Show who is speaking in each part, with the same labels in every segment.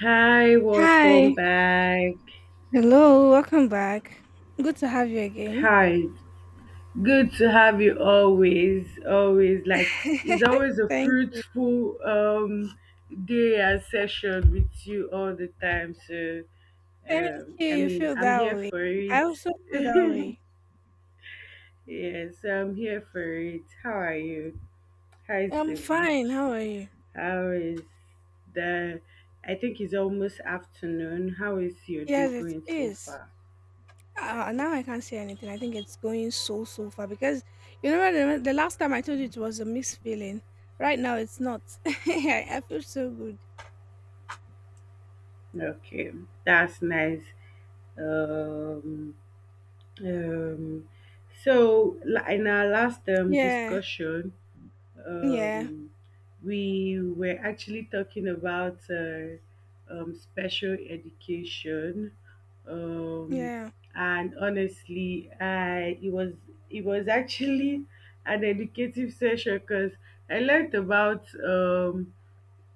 Speaker 1: Hi, welcome
Speaker 2: Hi.
Speaker 1: back.
Speaker 2: Hello. Welcome back. Good to have you again.
Speaker 1: Hi, good to have you always. Always like it's always a
Speaker 2: Thank,
Speaker 1: fruitful day and session with you all the time. So
Speaker 2: thank you.
Speaker 1: I
Speaker 2: You
Speaker 1: mean
Speaker 2: feel
Speaker 1: I'm
Speaker 2: that
Speaker 1: here
Speaker 2: way.
Speaker 1: for it.
Speaker 2: I also feel that way.
Speaker 1: Yes, I'm here for it. How are you? How is
Speaker 2: I'm
Speaker 1: the
Speaker 2: fine.
Speaker 1: week?
Speaker 2: How are you?
Speaker 1: How is the I think it's almost afternoon. How is your day
Speaker 2: Yes,
Speaker 1: going
Speaker 2: it
Speaker 1: so
Speaker 2: is.
Speaker 1: far?
Speaker 2: Now I can't say anything. I think it's going so so far because you know the last time I told you it was a mixed feeling. Right now it's not. I feel so good.
Speaker 1: Okay, that's nice. Um, um, so, in our last
Speaker 2: Yeah.
Speaker 1: discussion,
Speaker 2: Yeah.
Speaker 1: um, we were actually talking about special education, um,
Speaker 2: Yeah.
Speaker 1: and honestly, I it was actually an educative session because I learned about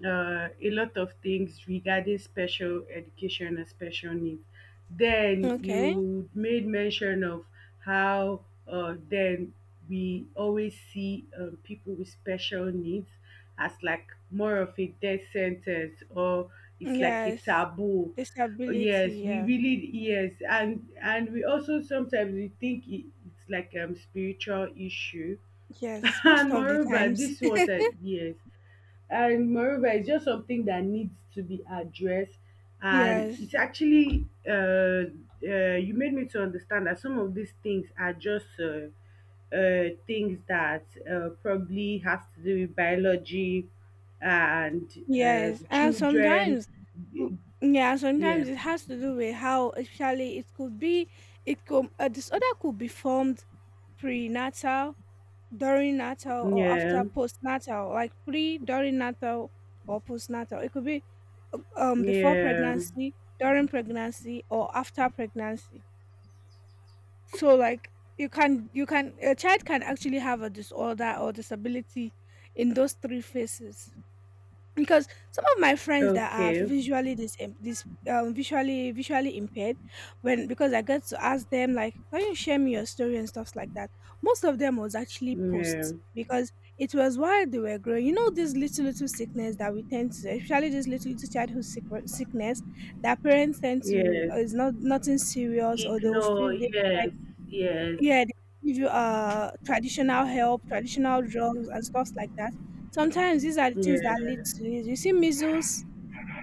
Speaker 1: a lot of things regarding special education and special needs. Then
Speaker 2: Okay.
Speaker 1: you made mention of how then we always see people with special needs as like more of a death sentence or it's like a
Speaker 2: Yes.
Speaker 1: taboo.
Speaker 2: Disability.
Speaker 1: Yes, we
Speaker 2: Yeah.
Speaker 1: really yes, and we also sometimes we think it's like spiritual issue.
Speaker 2: Yes. Most
Speaker 1: And
Speaker 2: of the
Speaker 1: moreover
Speaker 2: times.
Speaker 1: this was a yes, and moreover it's just something that needs to be addressed, and
Speaker 2: Yes,
Speaker 1: it's actually you made me to understand that some of these things are just things that probably has to do with biology and
Speaker 2: yes,
Speaker 1: the
Speaker 2: and
Speaker 1: children
Speaker 2: sometimes, w- yeah,
Speaker 1: yeah
Speaker 2: sometimes it has to do with how, especially it could be, it could a disorder could be formed prenatal, during natal, or
Speaker 1: yeah
Speaker 2: after postnatal, like pre, during natal, or postnatal. It could be before
Speaker 1: yeah
Speaker 2: pregnancy, during pregnancy, or after pregnancy. So like you can a child can actually have a disorder or disability in those three phases. Because some of my friends that are
Speaker 1: okay
Speaker 2: visually this this visually impaired, when, because I get to ask them like, can you share me your story and stuff like that, most of them was actually posts,
Speaker 1: yeah
Speaker 2: because it was while they were growing, you know, this little little sickness that we tend to, especially this little little childhood sickness that parents tend to
Speaker 1: yes.
Speaker 2: is not nothing serious, or they will
Speaker 1: Ignore
Speaker 2: feel they,
Speaker 1: yes yes
Speaker 2: yeah, they give you traditional help, traditional drugs and stuff like that. Sometimes these are the things that lead
Speaker 1: yeah.
Speaker 2: to it. You see measles.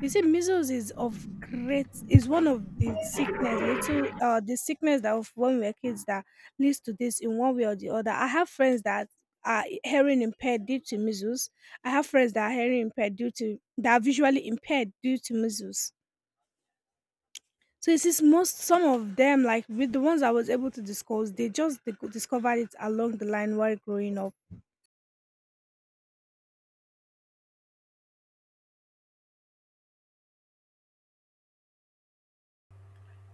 Speaker 2: You see measles is of great is one of the sickness, little the sickness that of when we were kids that leads to this in one way or the other. I have friends that are hearing impaired due to measles. I have friends that are hearing impaired due to that are visually impaired due to measles. So it is most some of them, like with the ones I was able to discuss, they just they discovered it along the line while growing up.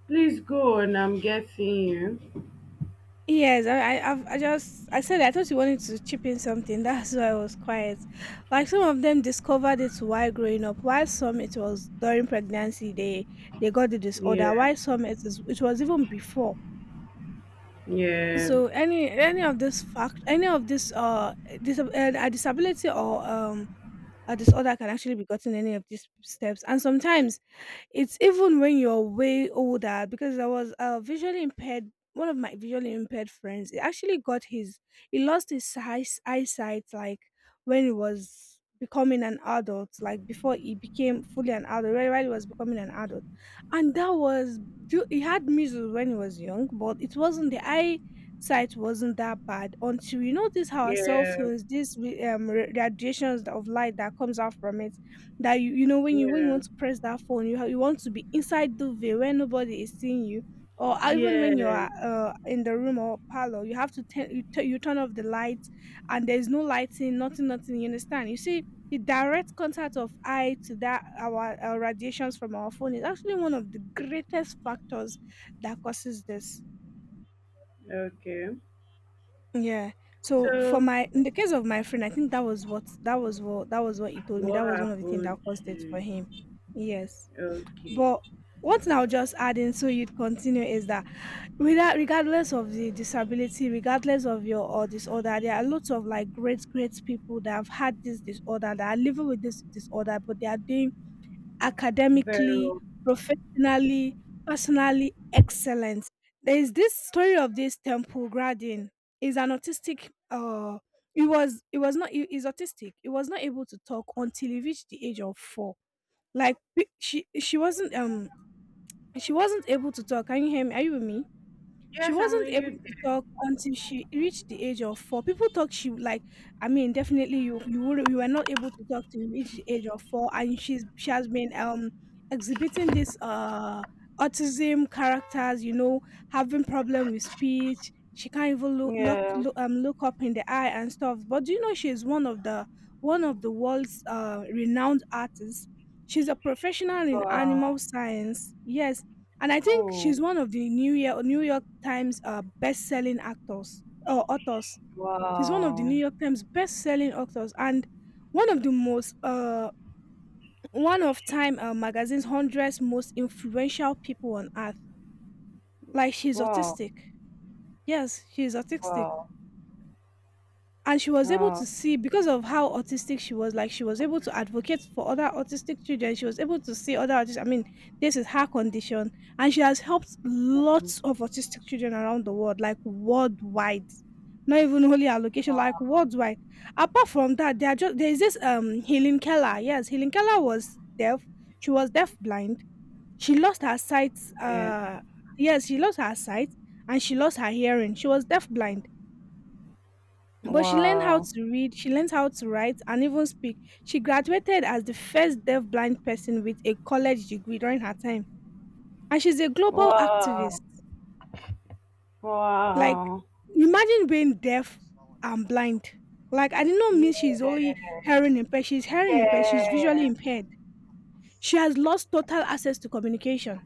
Speaker 1: Please go on. I'm getting you.
Speaker 2: Yes, I, I've- I just, I said I thought you wanted to chip in something. That's why I was quiet. Like some of them discovered it while growing up. While some it was during pregnancy they got the disorder.
Speaker 1: Yeah.
Speaker 2: While some it is it was even before.
Speaker 1: Yeah.
Speaker 2: So any of this fact, any of this dis- uh a disability or a disorder can actually be gotten any of these steps. And sometimes it's even when you're way older, because I was visually impaired. One of my visually impaired friends, he actually got his, he lost his eyesight like when he was becoming an adult, like before he became fully an adult, right? While he was becoming an adult, and that was due- he had measles when he was young, but it wasn't the eye sight wasn't that bad until you notice how our cell
Speaker 1: Yeah.
Speaker 2: phones, these radiations of light that comes out from it, that you know when you
Speaker 1: Yeah.
Speaker 2: want to press that phone you ha- you want to be inside the veil where nobody is seeing you, or even
Speaker 1: Yeah.
Speaker 2: when you're in the room or parlor you have to turn you, you turn off the lights, and there's no lighting, nothing nothing, you understand, you see the direct contact of eye to that our radiations from our phone is actually one of the greatest factors that causes this.
Speaker 1: Okay.
Speaker 2: Yeah, so for
Speaker 1: So
Speaker 2: my in the case of my friend, I think that was what he told me,
Speaker 1: what
Speaker 2: that was one of the things that
Speaker 1: happened
Speaker 2: caused it for
Speaker 1: to
Speaker 2: him. Yes.
Speaker 1: okay.
Speaker 2: But one thing I'll just add in so you'd continue is that without regardless of the disability, regardless of your or disorder, there are lots of like great, great people that have had this disorder, that are living with this disorder, but they are doing
Speaker 1: Very
Speaker 2: academically,
Speaker 1: well.
Speaker 2: professionally, personally excellent. There is this story of this temple gradin. Is an autistic he is autistic. He was not able to talk until he reached the age of four. Like she wasn't able to talk. Can you hear me? Are you with me? She
Speaker 1: Yes, I'm
Speaker 2: wasn't
Speaker 1: with
Speaker 2: able
Speaker 1: you.
Speaker 2: to talk until she reached the age of four. People talk she like, I mean, definitely you you were not able to talk till you reach the age of four, and she has been exhibiting this autism characters, you know, having problem with speech. She can't even
Speaker 1: There. Yeah.
Speaker 2: look up in the eye and stuff. But do you know she is one of the world's renowned artists? She's a professional in animal
Speaker 1: Wow.
Speaker 2: science. Yes, and I think
Speaker 1: Oh.
Speaker 2: she's one of the New York Times best-selling actors or authors. She's one of the New
Speaker 1: Wow.
Speaker 2: York Times best-selling authors and one of the most one of Time magazine's hundreds most influential people on earth. Like she's
Speaker 1: Wow.
Speaker 2: autistic. Yes, she's autistic,
Speaker 1: Wow.
Speaker 2: and she was able to
Speaker 1: Oh.
Speaker 2: see because of how autistic she was, like she was able to advocate for other autistic children, she was able to see other autistic, I mean, this is her condition, and she has helped lots
Speaker 1: Mhm.
Speaker 2: of autistic children around the world, like worldwide, not even only her location, like
Speaker 1: Wow.
Speaker 2: worldwide. Apart from that, there are just there is this Helen Keller. Yes, Helen Keller was deaf, she was deaf blind, she lost her sight
Speaker 1: Yeah.
Speaker 2: uh Yes, she lost her sight and she lost her hearing, she was deaf blind, but she learned how
Speaker 1: Wow.
Speaker 2: to read, she learned how to write and even speak. She graduated as the first deaf blind person with a college degree during her time. And she's a global activist.
Speaker 1: Wow.
Speaker 2: Like
Speaker 1: Wow.
Speaker 2: imagine being deaf and blind. Like I did not mean she's only
Speaker 1: Yeah.
Speaker 2: hearing impaired, she's visually
Speaker 1: Yeah.
Speaker 2: impaired. She has lost total access to communication.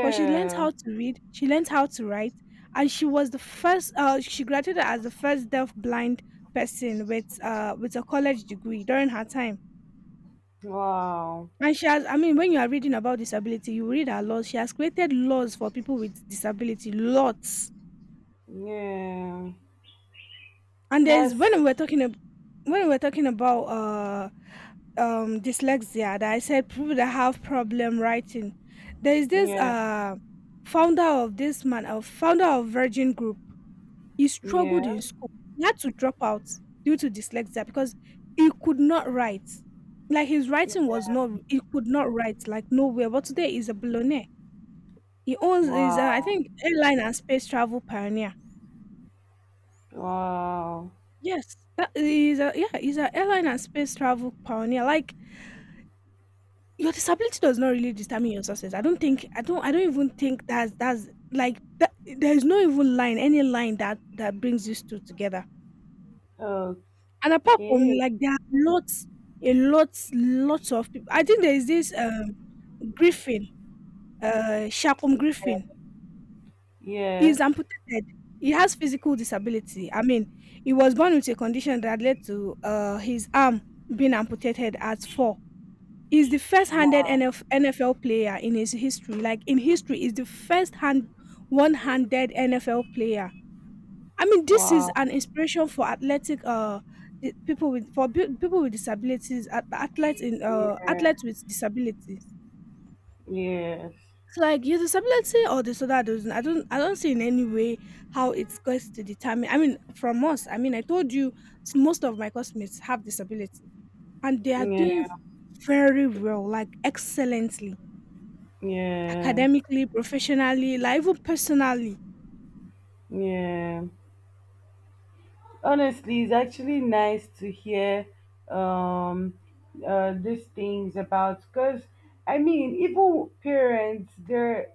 Speaker 2: But she learned how to read, she learned how to write, and she was the first. She graduated as the first deaf blind person with a college degree during her time.
Speaker 1: Wow.
Speaker 2: And she has, I mean, when you are reading about disability, you read her laws. She has created laws for people with disability, lots.
Speaker 1: Yeah.
Speaker 2: And there's
Speaker 1: That's
Speaker 2: when we were talking about dyslexia, that I said people that have problem writing. There is this
Speaker 1: Yeah.
Speaker 2: founder of this man, a founder of Virgin Group. He struggled
Speaker 1: Yeah.
Speaker 2: in school. He had to drop out due to dyslexia because he could not write. Like his
Speaker 1: Yeah.
Speaker 2: writing was not, he could not write like nowhere. But today he's a billionaire. He owns is I
Speaker 1: Wow.
Speaker 2: think airline and space travel pioneer.
Speaker 1: Wow.
Speaker 2: Yes, that is a yeah, he's an airline and space travel pioneer. Like your disability does not really determine your success. I don't even think that's like that, there is no even line any line that that brings these two together.
Speaker 1: Okay.
Speaker 2: And apart from like there are lots, a lot, lots of people. I think there is this griffin, Shakum Griffin. He's
Speaker 1: Yes.
Speaker 2: amputated. He has physical disability. I mean, he was born with a condition that led to his arm being amputated at four. He's the first handed
Speaker 1: Wow.
Speaker 2: NFL player in his history. Like in history, is the first hand one handed NFL player. I mean, this is
Speaker 1: Wow.
Speaker 2: an inspiration for athletic the people with people with disabilities, athletes in
Speaker 1: Yeah.
Speaker 2: athletes with disabilities.
Speaker 1: Yes.
Speaker 2: It's like your disability or disorder doesn't. I don't see in any way how it's going to determine. I mean, from us. I mean, I told you most of my classmates have disability, and they are doing
Speaker 1: Yeah.
Speaker 2: very well, like excellently,
Speaker 1: Yeah.
Speaker 2: academically, professionally, like even personally.
Speaker 1: Yeah. Honestly, it's actually nice to hear um these things about because I mean even parents they're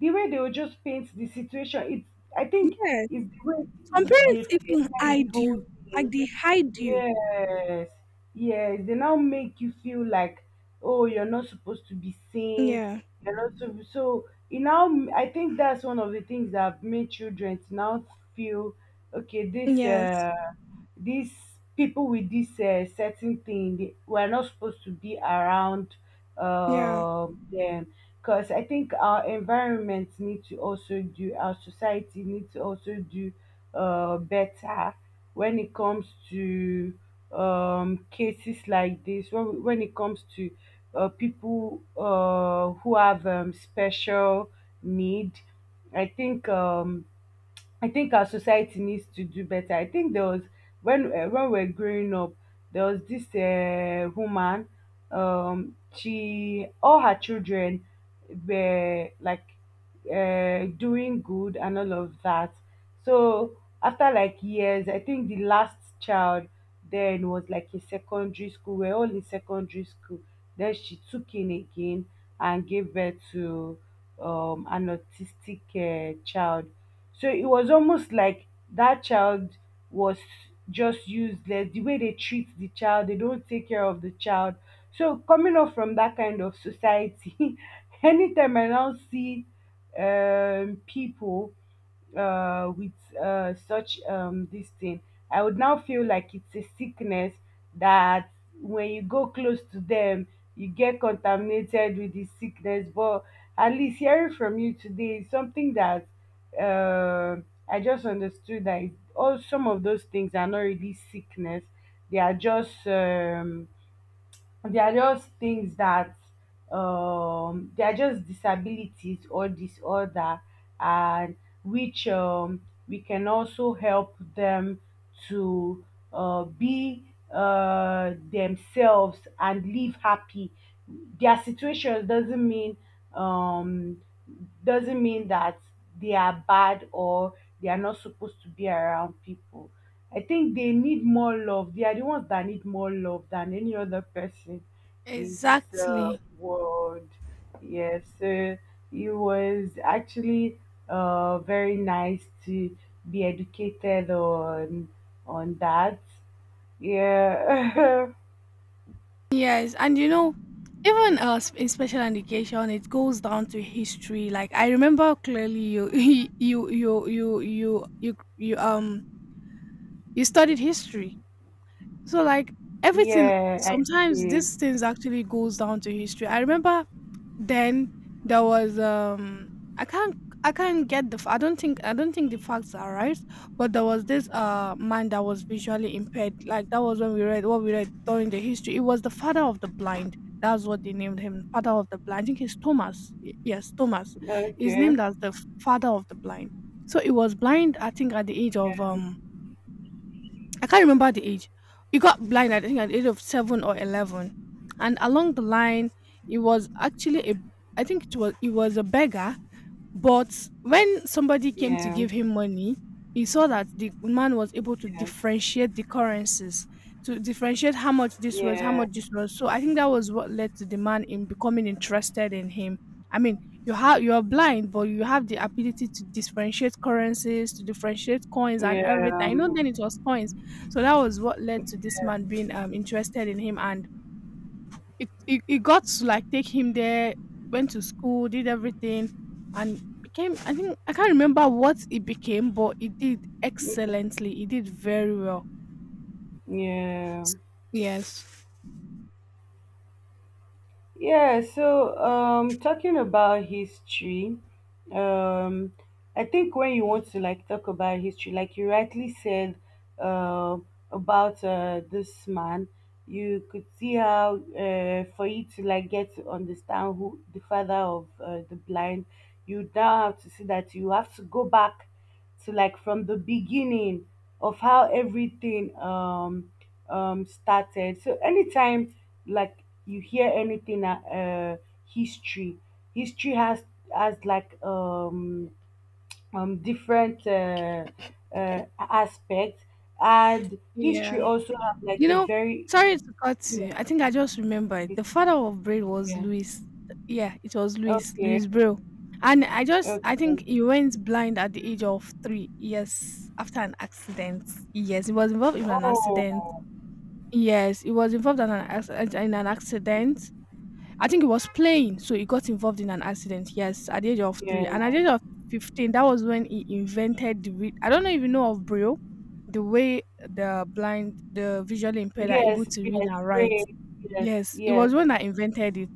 Speaker 1: the way they will just paint the situation, it's I think
Speaker 2: Yes.
Speaker 1: it's the way
Speaker 2: Some
Speaker 1: they
Speaker 2: parents even
Speaker 1: created the
Speaker 2: hide
Speaker 1: whole
Speaker 2: you, like
Speaker 1: thing.
Speaker 2: they hide you.
Speaker 1: Yes, yes, they now make you feel like, oh, you're not supposed to be seen.
Speaker 2: Yeah.
Speaker 1: You're not so. So it now, I think that's one of the things that have made children to now feel, okay, this,
Speaker 2: Yes.
Speaker 1: these people with this certain thing, they, we're not supposed to be around,
Speaker 2: Yeah.
Speaker 1: them. Because I think our environment need to also do, our society need to also do, better when it comes to cases like this, when it comes to people who have special need, I think um, I think our society needs to do better. I think there was when we were growing up, there was this woman. She all her children were like doing good and all of that. So after like years, I think the last child then was like in secondary school. We're all in secondary school. Then she took in again and gave birth to an autistic child, so it was almost like that child was just useless. The way they treat the child, they don't take care of the child. So coming up from that kind of society, anytime I now see people with such this thing, I would now feel like it's a sickness that when you go close to them, you get contaminated with the sickness. But at least hearing from you today is something that uh, I just understood that all some of those things are not really sickness; they are just um, they are just things that they are just disabilities or disorder, and which we can also help them to be themselves and live happy. Their situation um, doesn't mean that they are bad or they are not supposed to be around people. I think they need more love. They are the ones that need more love than any other person in this
Speaker 2: Exactly.
Speaker 1: world. Yes, it was actually very nice to be educated on that. Yeah,
Speaker 2: Yes, and you know, even in special education, it goes down to history. Like I remember clearly, you you you you you you you um you studied history. So like everything,
Speaker 1: yeah, I
Speaker 2: sometimes
Speaker 1: did.
Speaker 2: these things actually goes down to history. I remember then there was I can't get the f- I don't think the facts are right, but there was this man that was visually impaired. Like that was when we read what we read during the history. It was the father of the blind. That's what they named him, father of the blind. I think he's Thomas. Yes, Thomas. Is
Speaker 1: Okay.
Speaker 2: named as the father of the blind. So he was blind. I think at the age
Speaker 1: Yeah,
Speaker 2: of I can't remember the age. He got blind, I think, at the age of 7 or 11. And along the line, he was actually a, I think it was, he was a beggar, but when somebody came to
Speaker 1: yeah,
Speaker 2: give him money, he saw that the man was able to
Speaker 1: yeah,
Speaker 2: differentiate the currencies, to differentiate how much this was, how
Speaker 1: yeah,
Speaker 2: much this was. So I think that was what led to the man in becoming interested in him. I mean, you are blind, but you have the ability to differentiate currencies, to differentiate coins and
Speaker 1: yeah,
Speaker 2: everything. You know, then it was coins. So that was what led to this
Speaker 1: yeah.
Speaker 2: man being interested in him, and it got to like take him there, went to school, did everything, and became. I think I can't remember what it became, but it did excellently. It did very well.
Speaker 1: Yeah.
Speaker 2: Yes.
Speaker 1: Yeah, so talking about history, um I think when you want to like talk about history, like you rightly said uh, about this man, you could see how for you to like get to understand who the father of the blind, you now have to see that you have to go back to like from the beginning of how everything started. So anytime like you hear anything history, history has like different aspects, and history
Speaker 2: Yeah,
Speaker 1: also have like
Speaker 2: you
Speaker 1: a
Speaker 2: know.
Speaker 1: very
Speaker 2: Sorry to cut
Speaker 1: you
Speaker 2: you.
Speaker 1: know,
Speaker 2: I think I just remembered
Speaker 1: this-
Speaker 2: the father of Braid was
Speaker 1: yeah
Speaker 2: Louis. Yeah, it was Louis
Speaker 1: okay
Speaker 2: Braille, and I
Speaker 1: okay
Speaker 2: just I think he went blind at the age of 3 years after an accident. Yes, he was involved in an accident.
Speaker 1: oh
Speaker 2: Yes, he was involved in in an accident. I think he was playing, so he got involved in an accident. Yes, at the age of three, and at
Speaker 1: yeah
Speaker 2: the age of 15, that was when he invented I don't know if you know of Braille, the way the blind, the visually impaired are able
Speaker 1: yes
Speaker 2: to read
Speaker 1: yes
Speaker 2: and write.
Speaker 1: great yes
Speaker 2: Yes, it
Speaker 1: yes
Speaker 2: was when I invented it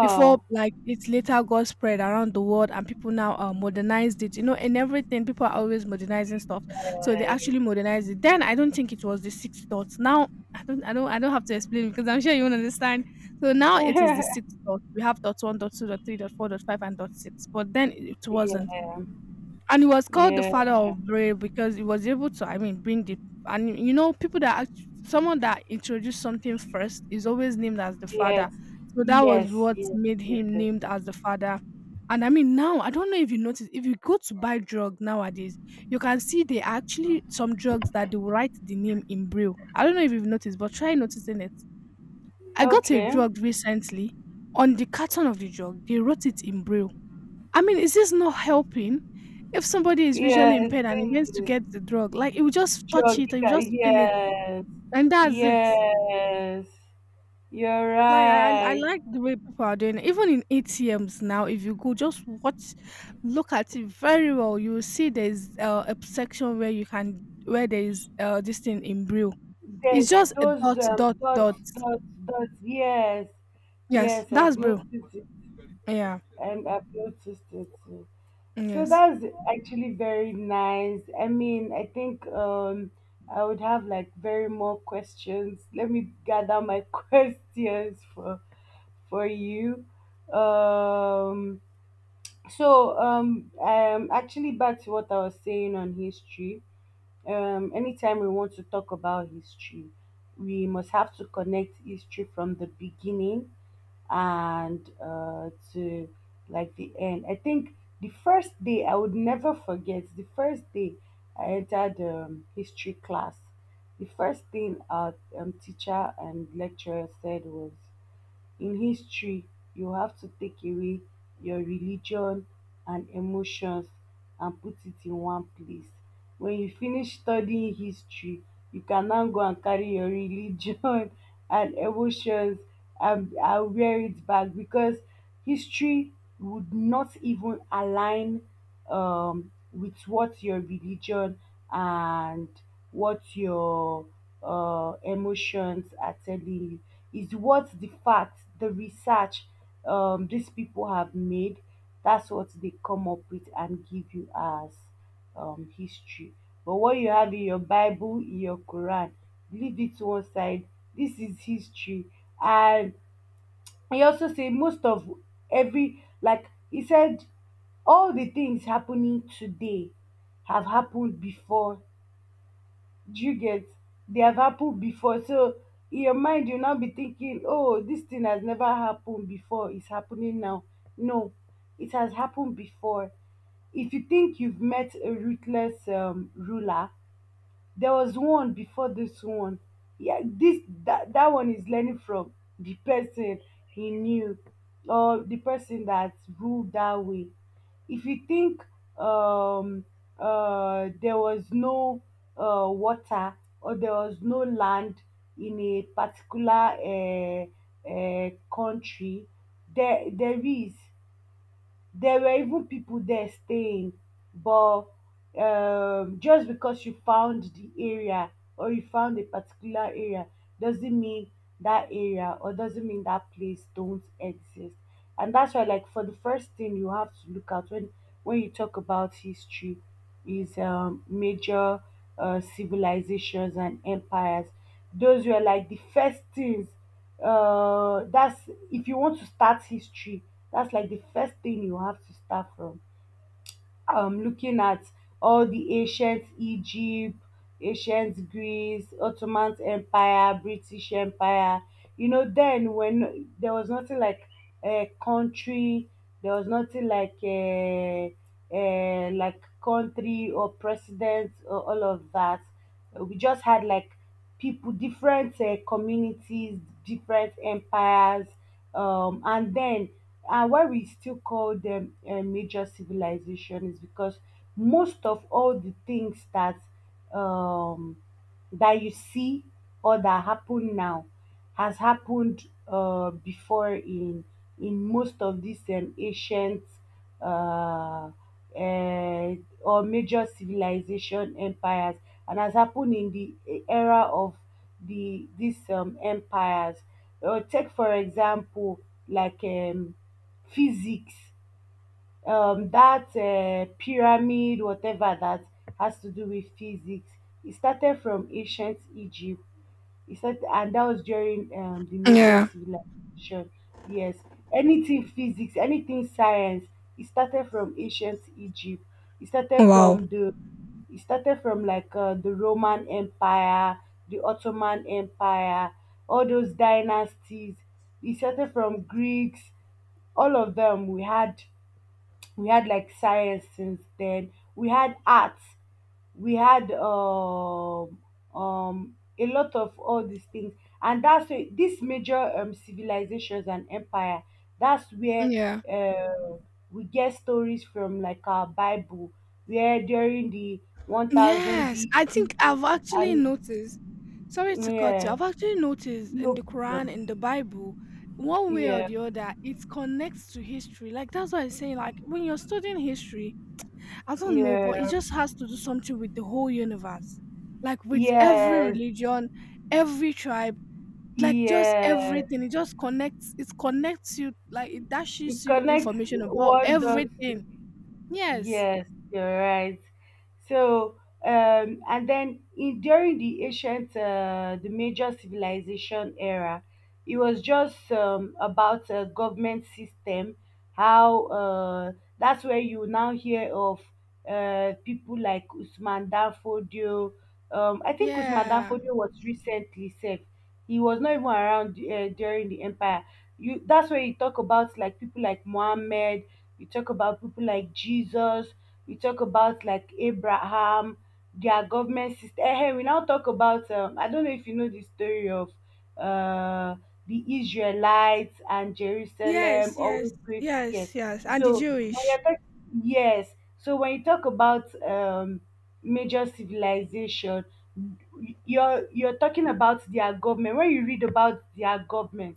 Speaker 2: before like it later got spread around the world, and people now modernized it, and everything. People are always modernizing stuff, so they
Speaker 1: yes
Speaker 2: actually modernized it. Then I don't think it was the sixth thought now. I don't have to explain because I'm sure you won't understand. So now it is the sixth dot. We have dot one, dot two, dot three, dot four, dot five, and dot six, but then it wasn't.
Speaker 1: yeah
Speaker 2: And he was called the father
Speaker 1: yeah
Speaker 2: of Braille because he was able to, I mean, bring the. And people someone that introduced something first is always named as the father.
Speaker 1: yes,
Speaker 2: So that was
Speaker 1: yes,
Speaker 2: what
Speaker 1: yes,
Speaker 2: made
Speaker 1: yes.
Speaker 2: him
Speaker 1: Yes.
Speaker 2: named as the father. And, I mean, now I don't know if you notice, if you go to buy drug nowadays, you can see they are actually some drugs that they will write the name in Braille. I don't know if you've noticed, but try noticing it. I got a
Speaker 1: Okay.
Speaker 2: drug recently. On the carton of the drug, they wrote it in Braille. I mean, is this not helping? If somebody is
Speaker 1: Yeah,
Speaker 2: visually impaired and he wants
Speaker 1: it
Speaker 2: to
Speaker 1: is
Speaker 2: get the drug, like he will just touch it, or
Speaker 1: jogging.
Speaker 2: he just feel it,
Speaker 1: Yes,
Speaker 2: and that's it.
Speaker 1: yes. You're
Speaker 2: Like I
Speaker 1: right.
Speaker 2: like the way people are doing it. Even in ATMs now, if you go, just watch, look at it very well. You will see there's a section where you can where there is this thing in brew. It's
Speaker 1: There's
Speaker 2: just a
Speaker 1: those
Speaker 2: dot dot
Speaker 1: dots,
Speaker 2: dot.
Speaker 1: dots, dots. Yes,
Speaker 2: Yes,
Speaker 1: yes.
Speaker 2: that's
Speaker 1: I've
Speaker 2: brew.
Speaker 1: noticed it,
Speaker 2: Yeah.
Speaker 1: and I've noticed it. So
Speaker 2: Yes.
Speaker 1: that's actually very nice. I mean, I think I would have like very more questions. Let me gather my questions for you. Um so actually back to what I was saying on history. Anytime we want to talk about history, we must have to connect history from the beginning and to like the end. I think the first day I would never forget. The first day I entered history class, the first thing our teacher and lecturer said was in history, you have to take away your religion and emotions and put it in one place. When you finish studying history, you can now go and carry your religion and emotions and wear it back because history would not even align with what your religion and what your emotions are telling you is what the fact, the research these people have made, that's what they come up with and give you as history. But what you have in your Bible, in your Quran, leave it to one side. This is history. And he also said most of every, like he said, all the things happening today have happened before, do you get? They have happened before. So in your mind, you'll now be thinking, oh, this thing has never happened before. It's happening now. No, it has happened before. If you think you've met a ruthless ruler, there was one before this one. Yeah, this that, that one is learning from the person he knew or the person that ruled that way. If you think um there was no water or there was no land in a particular country, there there is there were even people there staying but just because you found the area or you found a particular area doesn't mean that area or doesn't mean that place don't exist. And that's why like for the first thing you have to look at when you talk about history his major civilizations and empires. Those were like the first things. That's if you want to start history, that's like the first thing you have to start from looking at all the ancient Egypt, ancient Greece, Ottoman Empire, British Empire. You know, then when there was nothing like a country, there was nothing like a like country or president or all of that. We just had like people, different communities, different empires, and then and why we still call them a major civilization is because most of all the things that um, that you see or that happen now has happened before in most of these ancient uh, uh, or major civilization empires, and has happened in the era of the these empires. Take for example like physics, that pyramid, whatever that has to do with physics. It started from ancient Egypt he said, and that was during the major
Speaker 2: Yeah.
Speaker 1: civilization. Yes, anything physics, anything science. It started from ancient Egypt. It started
Speaker 2: Wow.
Speaker 1: from the, it started from like the Roman Empire, the Ottoman Empire, all those dynasties. It started from Greeks. All of them. We had like science since then, we had art, we had a lot of all these things, and that's why these major civilizations and empire, that's where
Speaker 2: Yeah.
Speaker 1: uh, we get stories from like our Bible where during the 1000
Speaker 2: Yes,
Speaker 1: BC
Speaker 2: I think I've actually
Speaker 1: and
Speaker 2: noticed. Sorry to cut
Speaker 1: yeah
Speaker 2: you. I've actually noticed in
Speaker 1: no
Speaker 2: the
Speaker 1: problem
Speaker 2: Quran, in the Bible, one way or
Speaker 1: yeah
Speaker 2: the other, it connects to history. Like, that's what I'm saying. Like when you're studying history, I don't know, but it
Speaker 1: yeah
Speaker 2: just has to do something with the whole universe, like with every
Speaker 1: yes
Speaker 2: religion, every tribe, like just
Speaker 1: yeah
Speaker 2: everything. It just connects. It connects you. Like it
Speaker 1: it
Speaker 2: dashes you
Speaker 1: connects
Speaker 2: information about
Speaker 1: one dot.
Speaker 2: everything. Yes.
Speaker 1: Yes, you're right. So, and then in during the ancient, the major civilization era, it was just about a government system. How that's where you now hear of people like Usman Dan Fodio. I think Usman Dan
Speaker 2: Yeah.
Speaker 1: Fodio was recently safe. He was not even around during the empire. You that's where you talk about like people like Mohammed, we talk about people like Jesus, we talk about like Abraham, their government system. We now talk about I don't know if you know the story of uh the Israelites and
Speaker 2: Yes,
Speaker 1: Jerusalem
Speaker 2: yes,
Speaker 1: always great, yes.
Speaker 2: yes, yes, and the
Speaker 1: So when
Speaker 2: Jewish.
Speaker 1: you're talking, yes, so when you talk about major civilization, you're talking about their government. When you read about their government,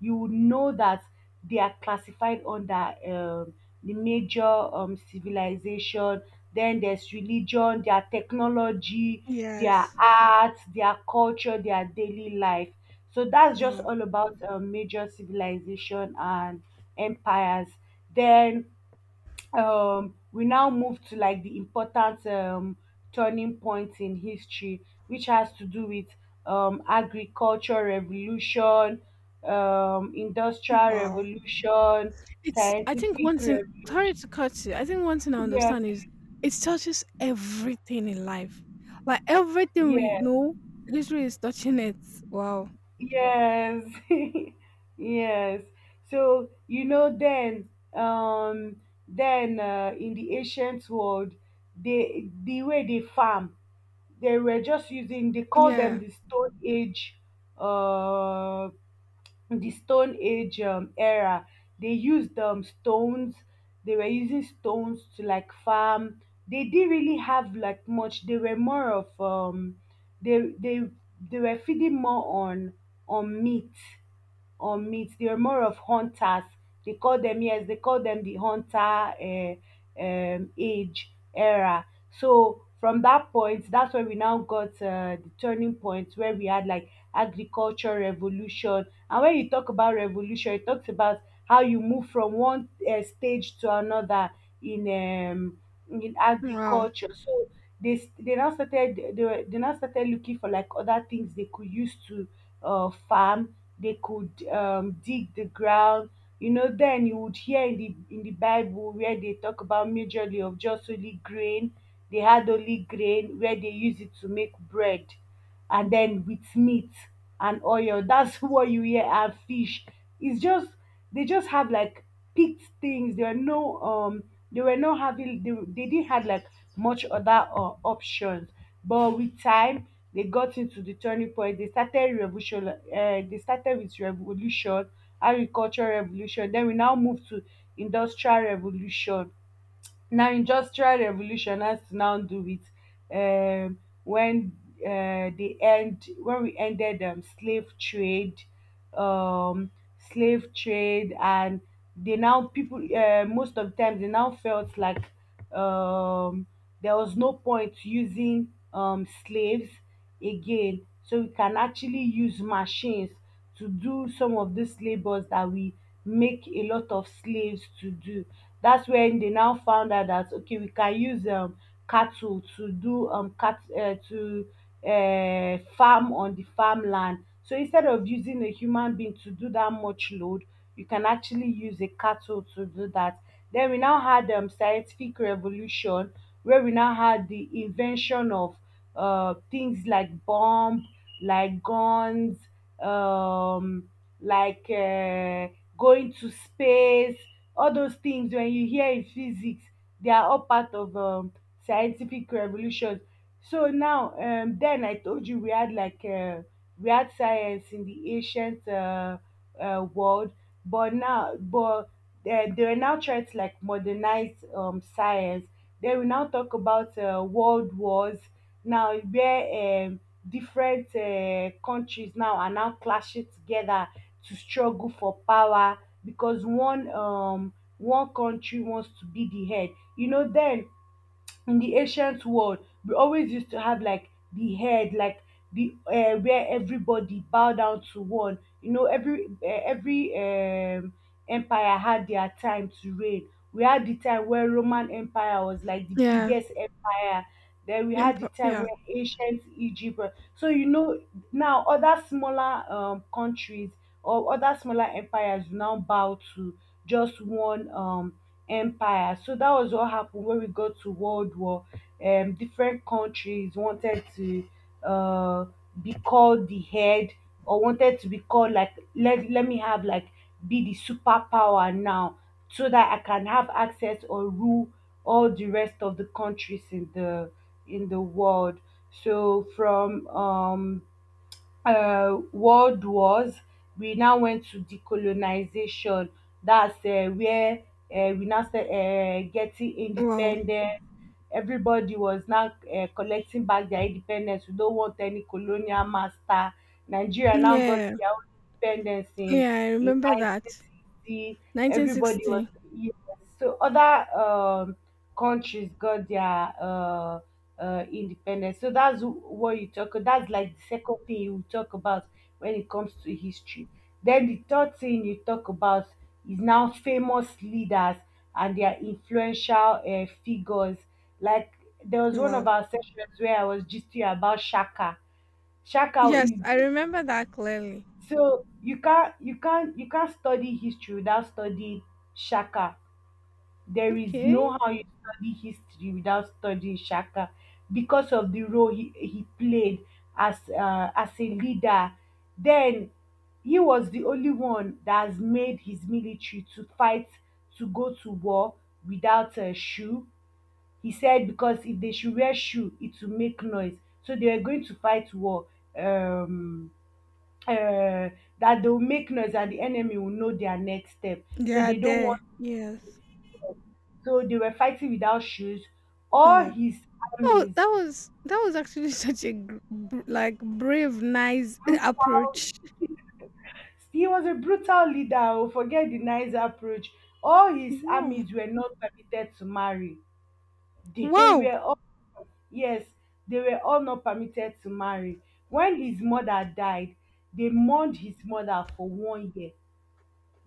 Speaker 1: you will know that they are classified under the major civilization. Then there's religion, their technology, their
Speaker 2: Yes.
Speaker 1: art, their culture, their daily life. So that's just
Speaker 2: Wow,
Speaker 1: all about major civilization and empires. Then we now move to like the important turning points in history, which has to do with agriculture revolution, industrial
Speaker 2: wow.
Speaker 1: revolution,
Speaker 2: It's. I think one
Speaker 1: scientific
Speaker 2: thing. Sorry
Speaker 1: revolution,
Speaker 2: to cut you. I think one thing I
Speaker 1: yeah,
Speaker 2: understand is it touches everything in life, like everything we
Speaker 1: yeah,
Speaker 2: know. Literally, is touching it. Wow.
Speaker 1: yes, yes. So you know, then, in the ancient world, they the way they farm, they were just using. They call them
Speaker 2: Yeah.
Speaker 1: uh, the stone age era, they used stones, they were using stones to like farm, they didn't really have like much, they were more of um they they they were feeding more on meat, on meat, they were more of hunters, they call them, yes, they call them the hunter age era. So from that point, that's where we now got the turning point where we had like agriculture revolution. And when you talk about revolution, it talks about how you move from one stage to another in um, in
Speaker 2: Wow.
Speaker 1: agriculture. So they now started, they now started looking for like other things they could use to farm. They could dig the ground. You know, then you would hear in the bible where they talk about majorly of just only grain. They had only grain where they use it to make bread, and then with meat and oil, that's what you hear, and fish. It's just they just have like picked things. There were no they were not having they didn't have like much other options. But with time they got into the turning point. They started revolution, they started with revolution, agricultural revolution, then we now move to industrial revolution. Na industrial revolutioners now do it um when they end when we ended slave trade, um slave trade. And they now people most of the time they now felt like um there was no point using slaves again, so we can actually use machines to do some of these labors that we make a lot of slaves to do. That's when they now found out that, okay, we can use cattle to do cat to farm on the farmland. So instead of using a human being to do that much load, you can actually use a cattle to do that. Then we now had scientific revolution where we now had the invention of things like bomb, like guns, um, like uh, going to space. All those things when you hear in physics, they are all part of scientific revolutions. So now, then I told you we had like we had science in the ancient world, but now, but they were now trying to like modernize science. Then we now talk about world wars. Now where different countries now are now clashing together to struggle for power because one one country wants to be the head. You know, then in the ancient world we always used to have like the head, like the where everybody bow down to one. You know, every empire had their time to reign. We had the time where roman empire was like the
Speaker 2: Yeah.
Speaker 1: biggest empire, then we had the time
Speaker 2: Yeah.
Speaker 1: where ancient egypt was- so you know now other smaller countries or other smaller empires now bow to just one empire. So that was what happened when we got to World War. Different countries wanted to uh, be called the head, or wanted to be called like, let me have like be the superpower now, so that I can have access or rule all the rest of the countries in the world. So from world wars we now went to decolonization. That's where we now started getting
Speaker 2: Wow.
Speaker 1: independence. Everybody was now collecting back their independence, we don't want any colonial master. Nigeria now got
Speaker 2: Yeah.
Speaker 1: their own independence
Speaker 2: Yeah. I
Speaker 1: in
Speaker 2: remember that.
Speaker 1: 1960. Everybody was,
Speaker 2: 1960.
Speaker 1: yes. So other countries got their independence. So that's what you talk. That's like the second thing you talk about when it comes to history. Then the third thing you talk about is now famous leaders and their influential figures. Like there was one of
Speaker 2: Wow.
Speaker 1: our sessions where I was gisting about Shaka. Shaka
Speaker 2: Yes, I
Speaker 1: is,
Speaker 2: remember that clearly.
Speaker 1: so you can't you can't study history without studying Shaka. There is no
Speaker 2: Okay.
Speaker 1: how you study history without studying Shaka because of the role he played as a leader. Then he was the only one that has made his military to fight, to go to war without a shoe. He said because if they should wear shoe, it will make noise. So they were going to fight war. Um, uh, that they will make noise and the enemy will know their next step. So
Speaker 2: Yeah.
Speaker 1: they don't
Speaker 2: There.
Speaker 1: want,
Speaker 2: Yes.
Speaker 1: so they were fighting without shoes. All
Speaker 2: Wow.
Speaker 1: his
Speaker 2: Oh,
Speaker 1: armies,
Speaker 2: that was actually such a like brave, nice
Speaker 1: brutal.
Speaker 2: approach.
Speaker 1: He was a brutal leader. Oh, forget the nice approach. All his
Speaker 2: Wow,
Speaker 1: armies were not permitted to marry. They
Speaker 2: wow,
Speaker 1: were all, yes, they were all not permitted to marry. When his mother died, they mourned his mother for 1 year.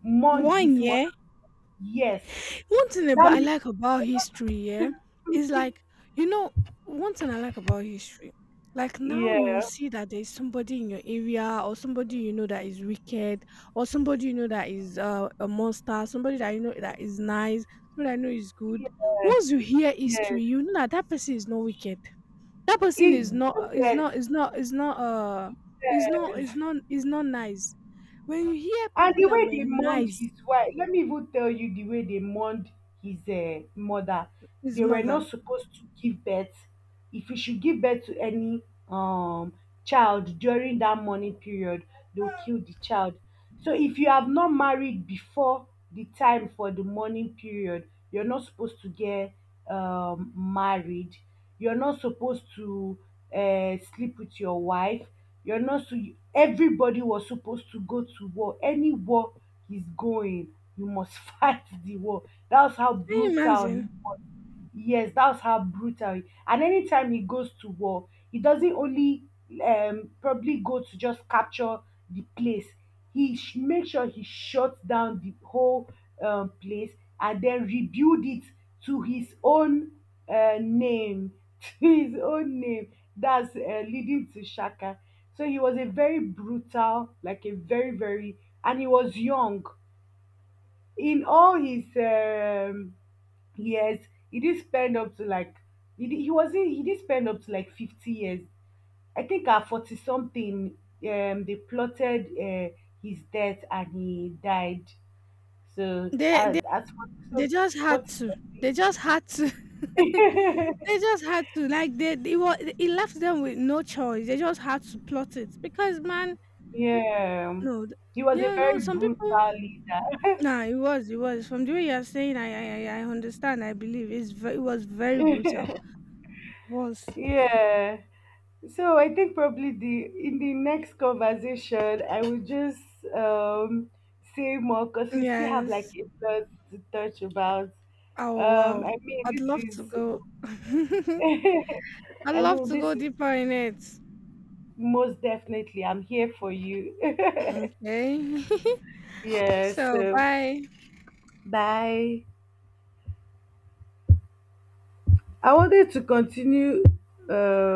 Speaker 1: Mourned
Speaker 2: one
Speaker 1: his mother.
Speaker 2: yeah.
Speaker 1: Yes,
Speaker 2: One thing
Speaker 1: that
Speaker 2: about I
Speaker 1: means.
Speaker 2: like about history, yeah, is like, you know, one thing I like about history. Like, now you will
Speaker 1: Yeah,
Speaker 2: see that there is somebody in your area or somebody you know that is wicked, or somebody you know that is a monster, somebody that you know that is nice, somebody I know is good.
Speaker 1: yeah,
Speaker 2: Once you hear
Speaker 1: yes.
Speaker 2: history, you know that that person is not wicked, that person
Speaker 1: It
Speaker 2: is
Speaker 1: you
Speaker 2: not is
Speaker 1: get.
Speaker 2: not is not is not is not
Speaker 1: Yes.
Speaker 2: is not is not nice. When you hear
Speaker 1: And
Speaker 2: people
Speaker 1: the
Speaker 2: that
Speaker 1: way
Speaker 2: were
Speaker 1: they mourned
Speaker 2: nice.
Speaker 1: his wife, let me even tell you the way they mourned his mother.
Speaker 2: His
Speaker 1: They were
Speaker 2: mother.
Speaker 1: not supposed to give birth. If you should give birth to any um child during that mourning period, they'll kill the child. So if you have not married before the time for the mourning period, you're not supposed to get married. You're not supposed to sleep with your wife. You're not, so everybody was supposed to go to war. Any war he's going, you must fight the war. That's how
Speaker 2: Can you
Speaker 1: brutal he
Speaker 2: imagine?
Speaker 1: was. Yes, that's how brutal. He- and anytime he goes to war, he doesn't only probably go to just capture the place. Makes sure he shuts down the whole place and then rebuild it to his own name, to his own name. That's leading to Shaka. So he was a very brutal, like a very, and he was young. In all his years, he did spend up to like, he, did, he wasn't, he did spend up to like 50 years. I think at 40 something, they plotted his death and he died. So
Speaker 2: they they,
Speaker 1: at 40
Speaker 2: they
Speaker 1: some-
Speaker 2: just had
Speaker 1: 40
Speaker 2: to.
Speaker 1: something.
Speaker 2: They just had to. They it was, it left them with no choice. They just had to plot it, because man.
Speaker 1: Yeah.
Speaker 2: No
Speaker 1: He was a
Speaker 2: yeah. No,
Speaker 1: very
Speaker 2: some people.
Speaker 1: brutal leader.
Speaker 2: Nah, it was, from the way you're saying, I understand. I believe it's it was very brutal. Was.
Speaker 1: Yeah. So I think probably the in the next conversation I will just um say more, because we still have like
Speaker 2: Yes.
Speaker 1: a lot to touch about.
Speaker 2: Oh, wow.
Speaker 1: I mean
Speaker 2: I'd
Speaker 1: this
Speaker 2: love to
Speaker 1: is
Speaker 2: go. I'd
Speaker 1: I
Speaker 2: love
Speaker 1: mean
Speaker 2: to
Speaker 1: this
Speaker 2: go
Speaker 1: is,
Speaker 2: deeper in it.
Speaker 1: most definitely I'm here for you.
Speaker 2: Okay.
Speaker 1: Yes.
Speaker 2: So,
Speaker 1: So
Speaker 2: bye.
Speaker 1: bye. I wanted to continue um